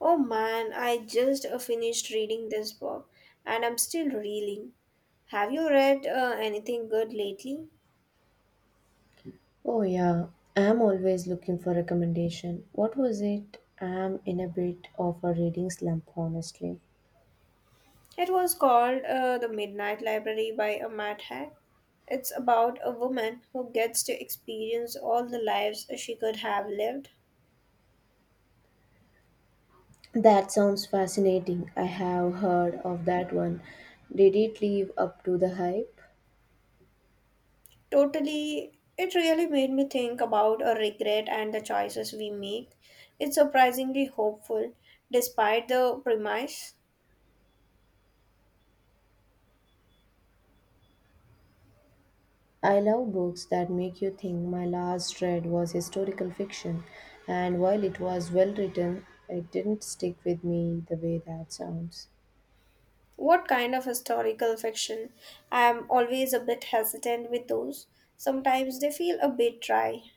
Oh man, I just finished reading this book and I'm still reeling. Have you read anything good lately? Oh yeah, I'm always looking for recommendation. What was it? I'm in a bit of a reading slump, honestly. It was called The Midnight Library by a Matt Haig. It's about a woman who gets to experience all the lives she could have lived. That sounds fascinating. I have heard of that one. Did it live up to the hype? Totally, it really made me think about a regret and the choices we make. It's surprisingly hopeful despite the premise. I love books that make you think. My last read was historical fiction, and while it was well written, it didn't stick with me the way that sounds. What kind of historical fiction? I am always a bit hesitant with those. Sometimes they feel a bit dry.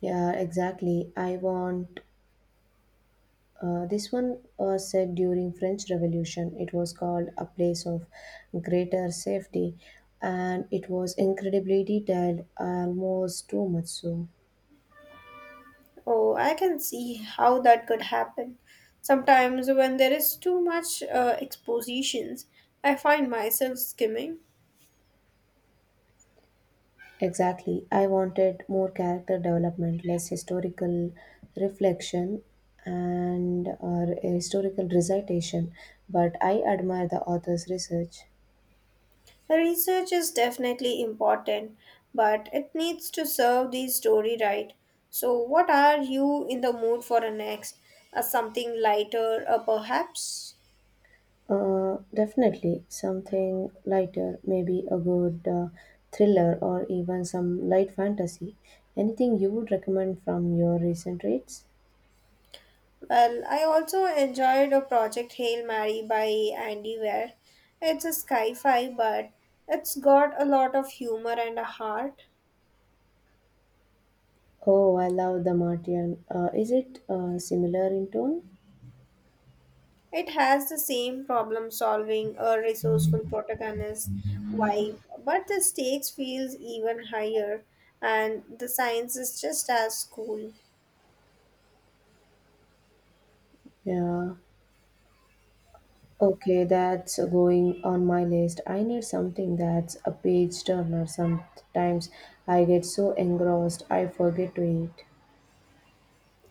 Yeah, exactly. I want this one said during French Revolution. It was called a place of greater safety, and it was incredibly detailed, almost too much so. Oh, I can see how that could happen. Sometimes when there is too much expositions, I find myself skimming. Exactly, I wanted more character development, less historical reflection, and historical recitation. But I admire the author's research. Research is definitely important, but it needs to serve the story right. So, what are you in the mood for next? Something lighter, perhaps? Definitely something lighter, maybe a good thriller or even some light fantasy. Anything you would recommend from your recent reads? Well, I also enjoyed a project Hail Mary by Andy Weir. It's a sci-fi, but it's got a lot of humor and a heart. Oh, I love The Martian. Is it similar in tone? It has the same problem solving a resourceful protagonist vibe, but the stakes feels even higher and the science is just as cool. Yeah. Okay, that's going on my list. I need something that's a page turner. Sometimes I get so engrossed I forget to eat.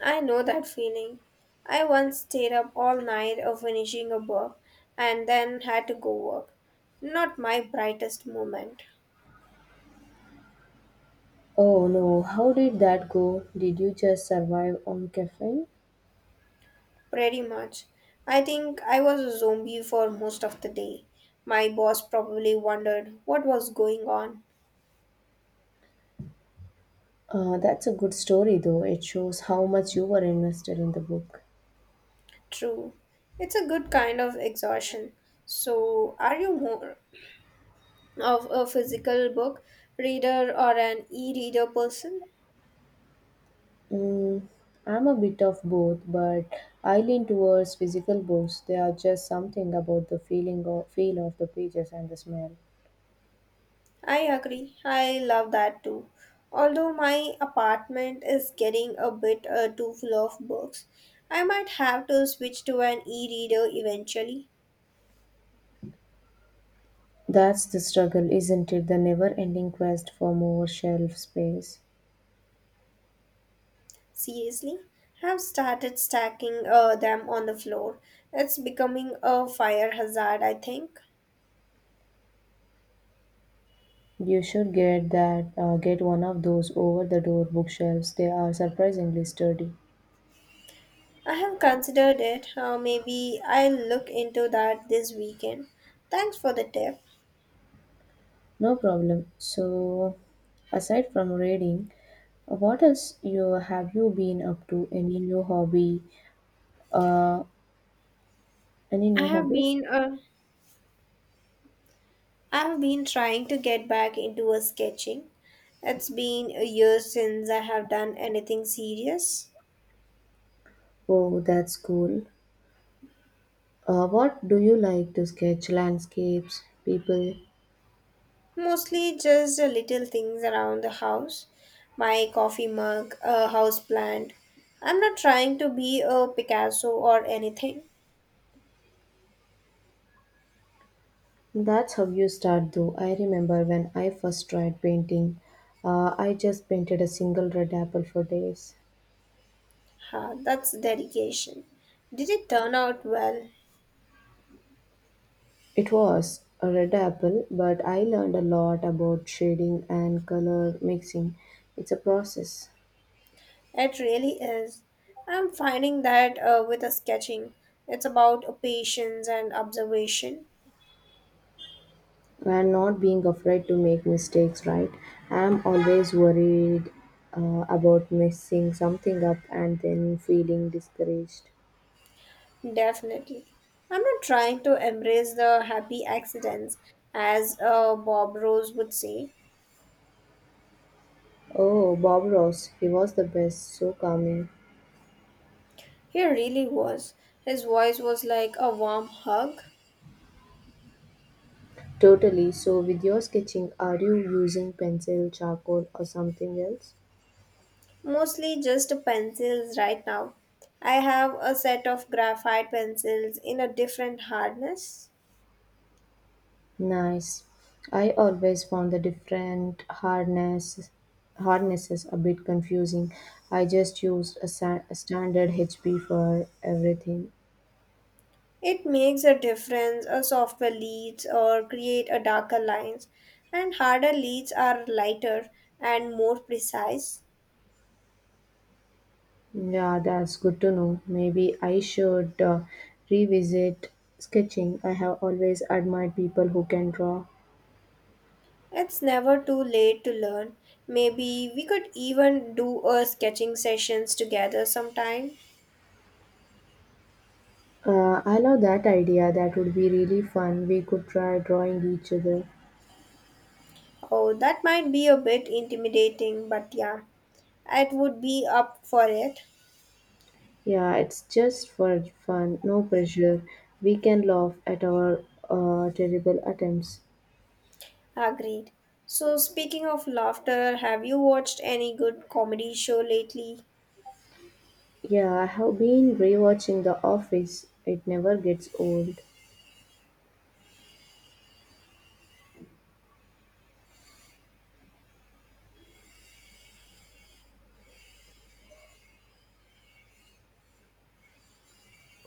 I know that feeling. I once stayed up all night of finishing a book and then had to go work. Not my brightest moment. Oh no, how did that go? Did you just survive on caffeine? Pretty much. I think I was a zombie for most of the day. My boss probably wondered what was going on. That's a good story, though. It shows how much you were invested in the book. True. It's a good kind of exhaustion. So, are you more of a physical book reader or an e reader person? Mm, I'm a bit of both, but I lean towards physical books. They are just something about the feeling of feel of the pages and the smell. I agree. I love that too. Although my apartment is getting a bit too full of books, I might have to switch to an e reader eventually. That's the struggle, isn't it? The never-ending quest for more shelf space. Seriously, have started stacking them on the floor. It's becoming a fire hazard, I think. You should get that. Get one of those over-the-door bookshelves. They are surprisingly sturdy. I have considered it. Maybe I'll look into that this weekend. Thanks for the tip. No problem. So, aside from reading, what else you have you been up to? Any new hobby? Uh, any I new have hobby? been uh, I have been trying to get back into a sketching. It's been a year since I have done anything serious. Oh, that's cool. What do you like to sketch? Landscapes, people. Mostly just the little things around the house. My coffee mug, a house plant. I'm not trying to be a Picasso or anything. That's how you start, though. I remember when I first tried painting. I just painted a single red apple for days. Ha, that's dedication. Did it turn out well? It was a red apple, but I learned a lot about shading and color mixing. It's a process. It really is. I'm finding that with the sketching, it's about patience and observation. And not being afraid to make mistakes, right? I'm always worried about messing something up and then feeling discouraged. Definitely. I'm not trying to embrace the happy accidents, as Bob Rose would say. Oh, Bob Ross, he was the best, so calming. He really was. His voice was like a warm hug. Totally. So, with your sketching, are you using pencil, charcoal, or something else? Mostly just pencils right now. I have a set of graphite pencils in a different hardness. Nice. I always found the different hardnesses a bit confusing. I just used a standard HP for everything. It makes a difference a softer leads or create a darker lines and harder leads are lighter and more precise. Yeah, that's good to know. Maybe I should revisit sketching. I have always admired people who can draw. It's never too late to learn. Maybe we could even do a sketching sessions together sometime. I love that idea. That would be really fun. We could try drawing each other. Oh, that might be a bit intimidating, but yeah, it would be up for it. Yeah, it's just for fun, no pressure. We can laugh at our terrible attempts. Agreed. So, speaking of laughter, have you watched any good comedy show lately? Yeah, I have been rewatching The Office. It never gets old.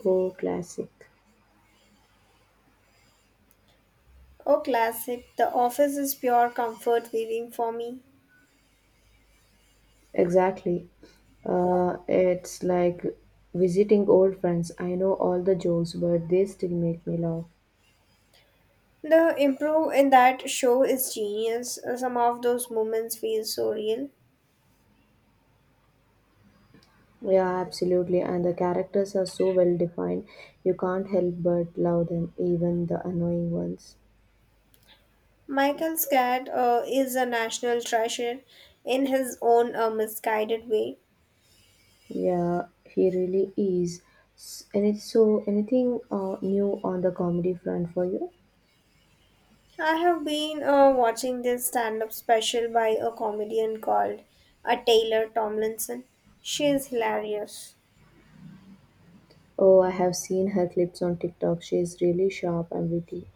Oh, classic. Oh, classic. The Office is pure comfort viewing for me. Exactly. It's like visiting old friends. I know all the jokes, but they still make me laugh. The improv in that show is genius. Some of those moments feel so real. Yeah, absolutely. And the characters are so well defined. You can't help but love them, even the annoying ones. Michael Scott is a national treasure in his own misguided way. Yeah, he really is. And it's so anything new on the comedy front for you? I have been watching this stand up special by a comedian called a Taylor Tomlinson. She is hilarious. Oh, I have seen her clips on TikTok. She is really sharp and witty.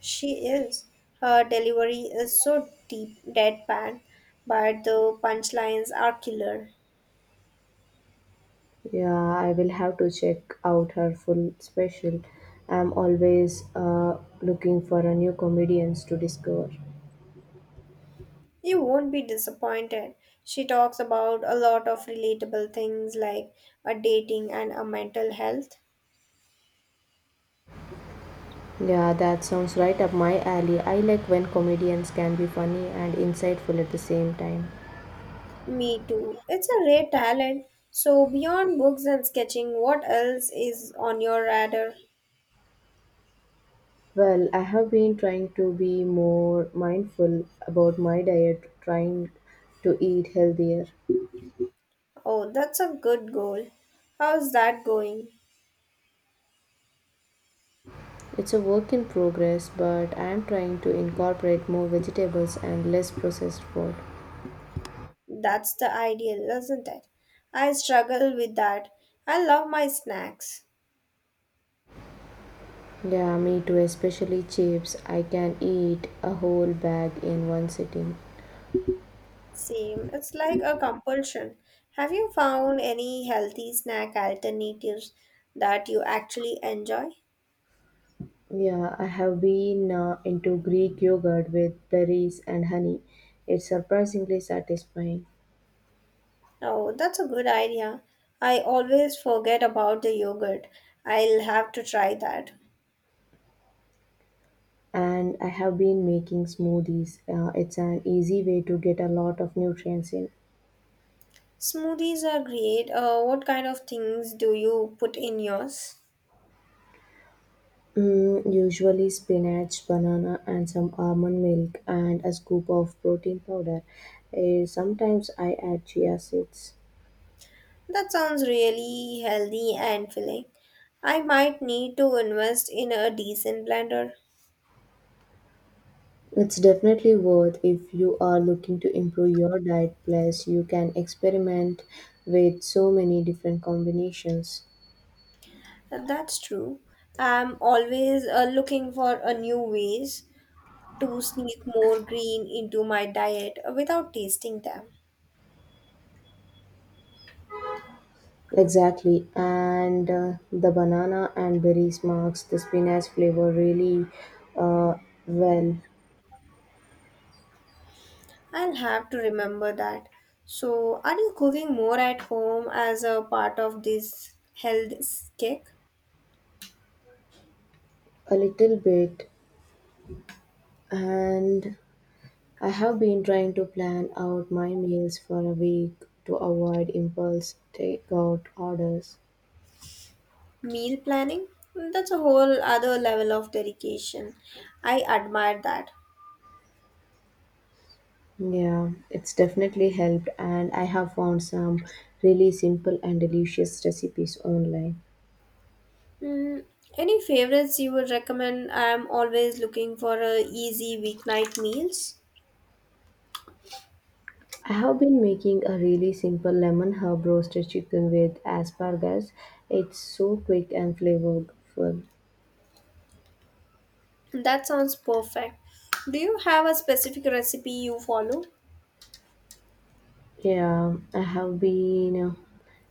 She is. Her delivery is so deep deadpan, but the punchlines are killer. Yeah, I will have to check out her full special. I'm always looking for a new comedians to discover. You won't be disappointed. She talks about a lot of relatable things like a dating and a mental health. Yeah, that sounds right up my alley. I like when comedians can be funny and insightful at the same time. Me too. It's a rare talent. So beyond books and sketching, what else is on your radar? Well, I have been trying to be more mindful about my diet, trying to eat healthier. Oh, that's a good goal. How's that going? It's a work in progress, but I am trying to incorporate more vegetables and less processed food. That's the ideal, isn't it? I struggle with that. I love my snacks. Yeah, me too, especially chips. I can eat a whole bag in one sitting. Same, it's like a compulsion. Have you found any healthy snack alternatives that you actually enjoy? Yeah, I have been into Greek yogurt with berries and honey. It's surprisingly satisfying. Oh, that's a good idea. I always forget about the yogurt. I'll have to try that. And I have been making smoothies. It's an easy way to get a lot of nutrients in. Smoothies are great. What kind of things do you put in yours? Mm, usually spinach, banana, and some almond milk, and a scoop of protein powder. Sometimes I add chia seeds. That sounds really healthy and filling. I might need to invest in a decent blender. It's definitely worth if you are looking to improve your diet, plus, you can experiment with so many different combinations. That's true. I'm always looking for a new ways to sneak more green into my diet without tasting them. Exactly, and the banana and berries marks the spinach flavor really uh, well. I'll have to remember that. So, are you cooking more at home as a part of this health kick? A little bit, and I have been trying to plan out my meals for a week to avoid impulse takeout orders. Meal planning? That's a whole other level of dedication. I admire that. Yeah, it's definitely helped, and I have found some really simple and delicious recipes online. Mm, any favorites you would recommend? I'm always looking for a easy weeknight meals. I have been making a really simple lemon herb roasted chicken with asparagus. It's so quick and flavorful. That sounds perfect. Do you have a specific recipe you follow? Yeah, I have been.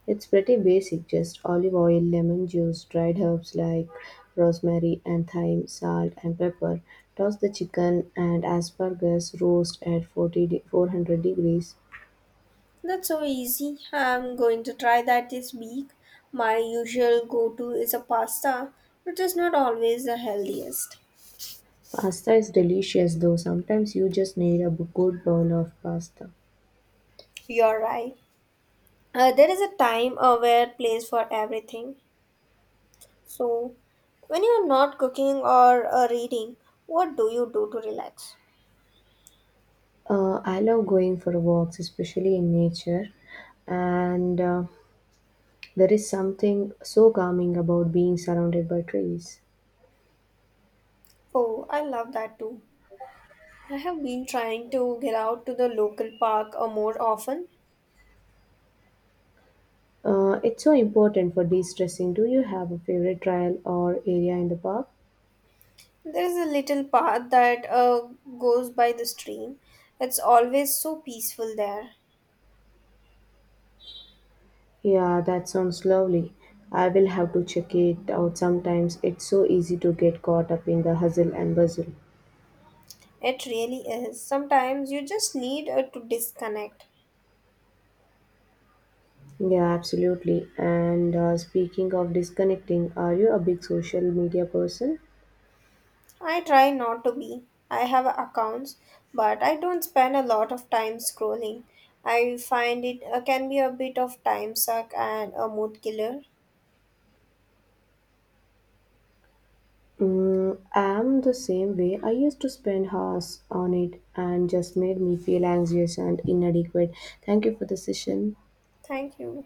It's pretty basic, just olive oil, lemon juice, dried herbs like rosemary and thyme, salt and pepper. Toss the chicken and asparagus roast at 400 degrees. That's so easy. I'm going to try that this week. My usual go-to is a pasta, which is not always the healthiest. Pasta is delicious though, sometimes you just need a good bowl of pasta. You're right. There is a time where place for everything. So, when you're not cooking or reading, what do you do to relax? I love going for walks, especially in nature, and there is something so calming about being surrounded by trees. Oh, I love that too. I have been trying to get out to the local park more often. It's so important for de stressing. Do you have a favorite trail or area in the park? There is a little path that goes by the stream. It's always so peaceful there. Yeah, that sounds lovely. I will have to check it out sometimes. It's so easy to get caught up in the hustle and bustle. It really is. Sometimes you just need to disconnect. Yeah, absolutely. And speaking of disconnecting, are you a big social media person? I try not to be. I have accounts, but I don't spend a lot of time scrolling. I find it can be a bit of time suck and a mood killer. Mm, I'm the same way. I used to spend hours on it and just made me feel anxious and inadequate. Thank you for the session. Thank you.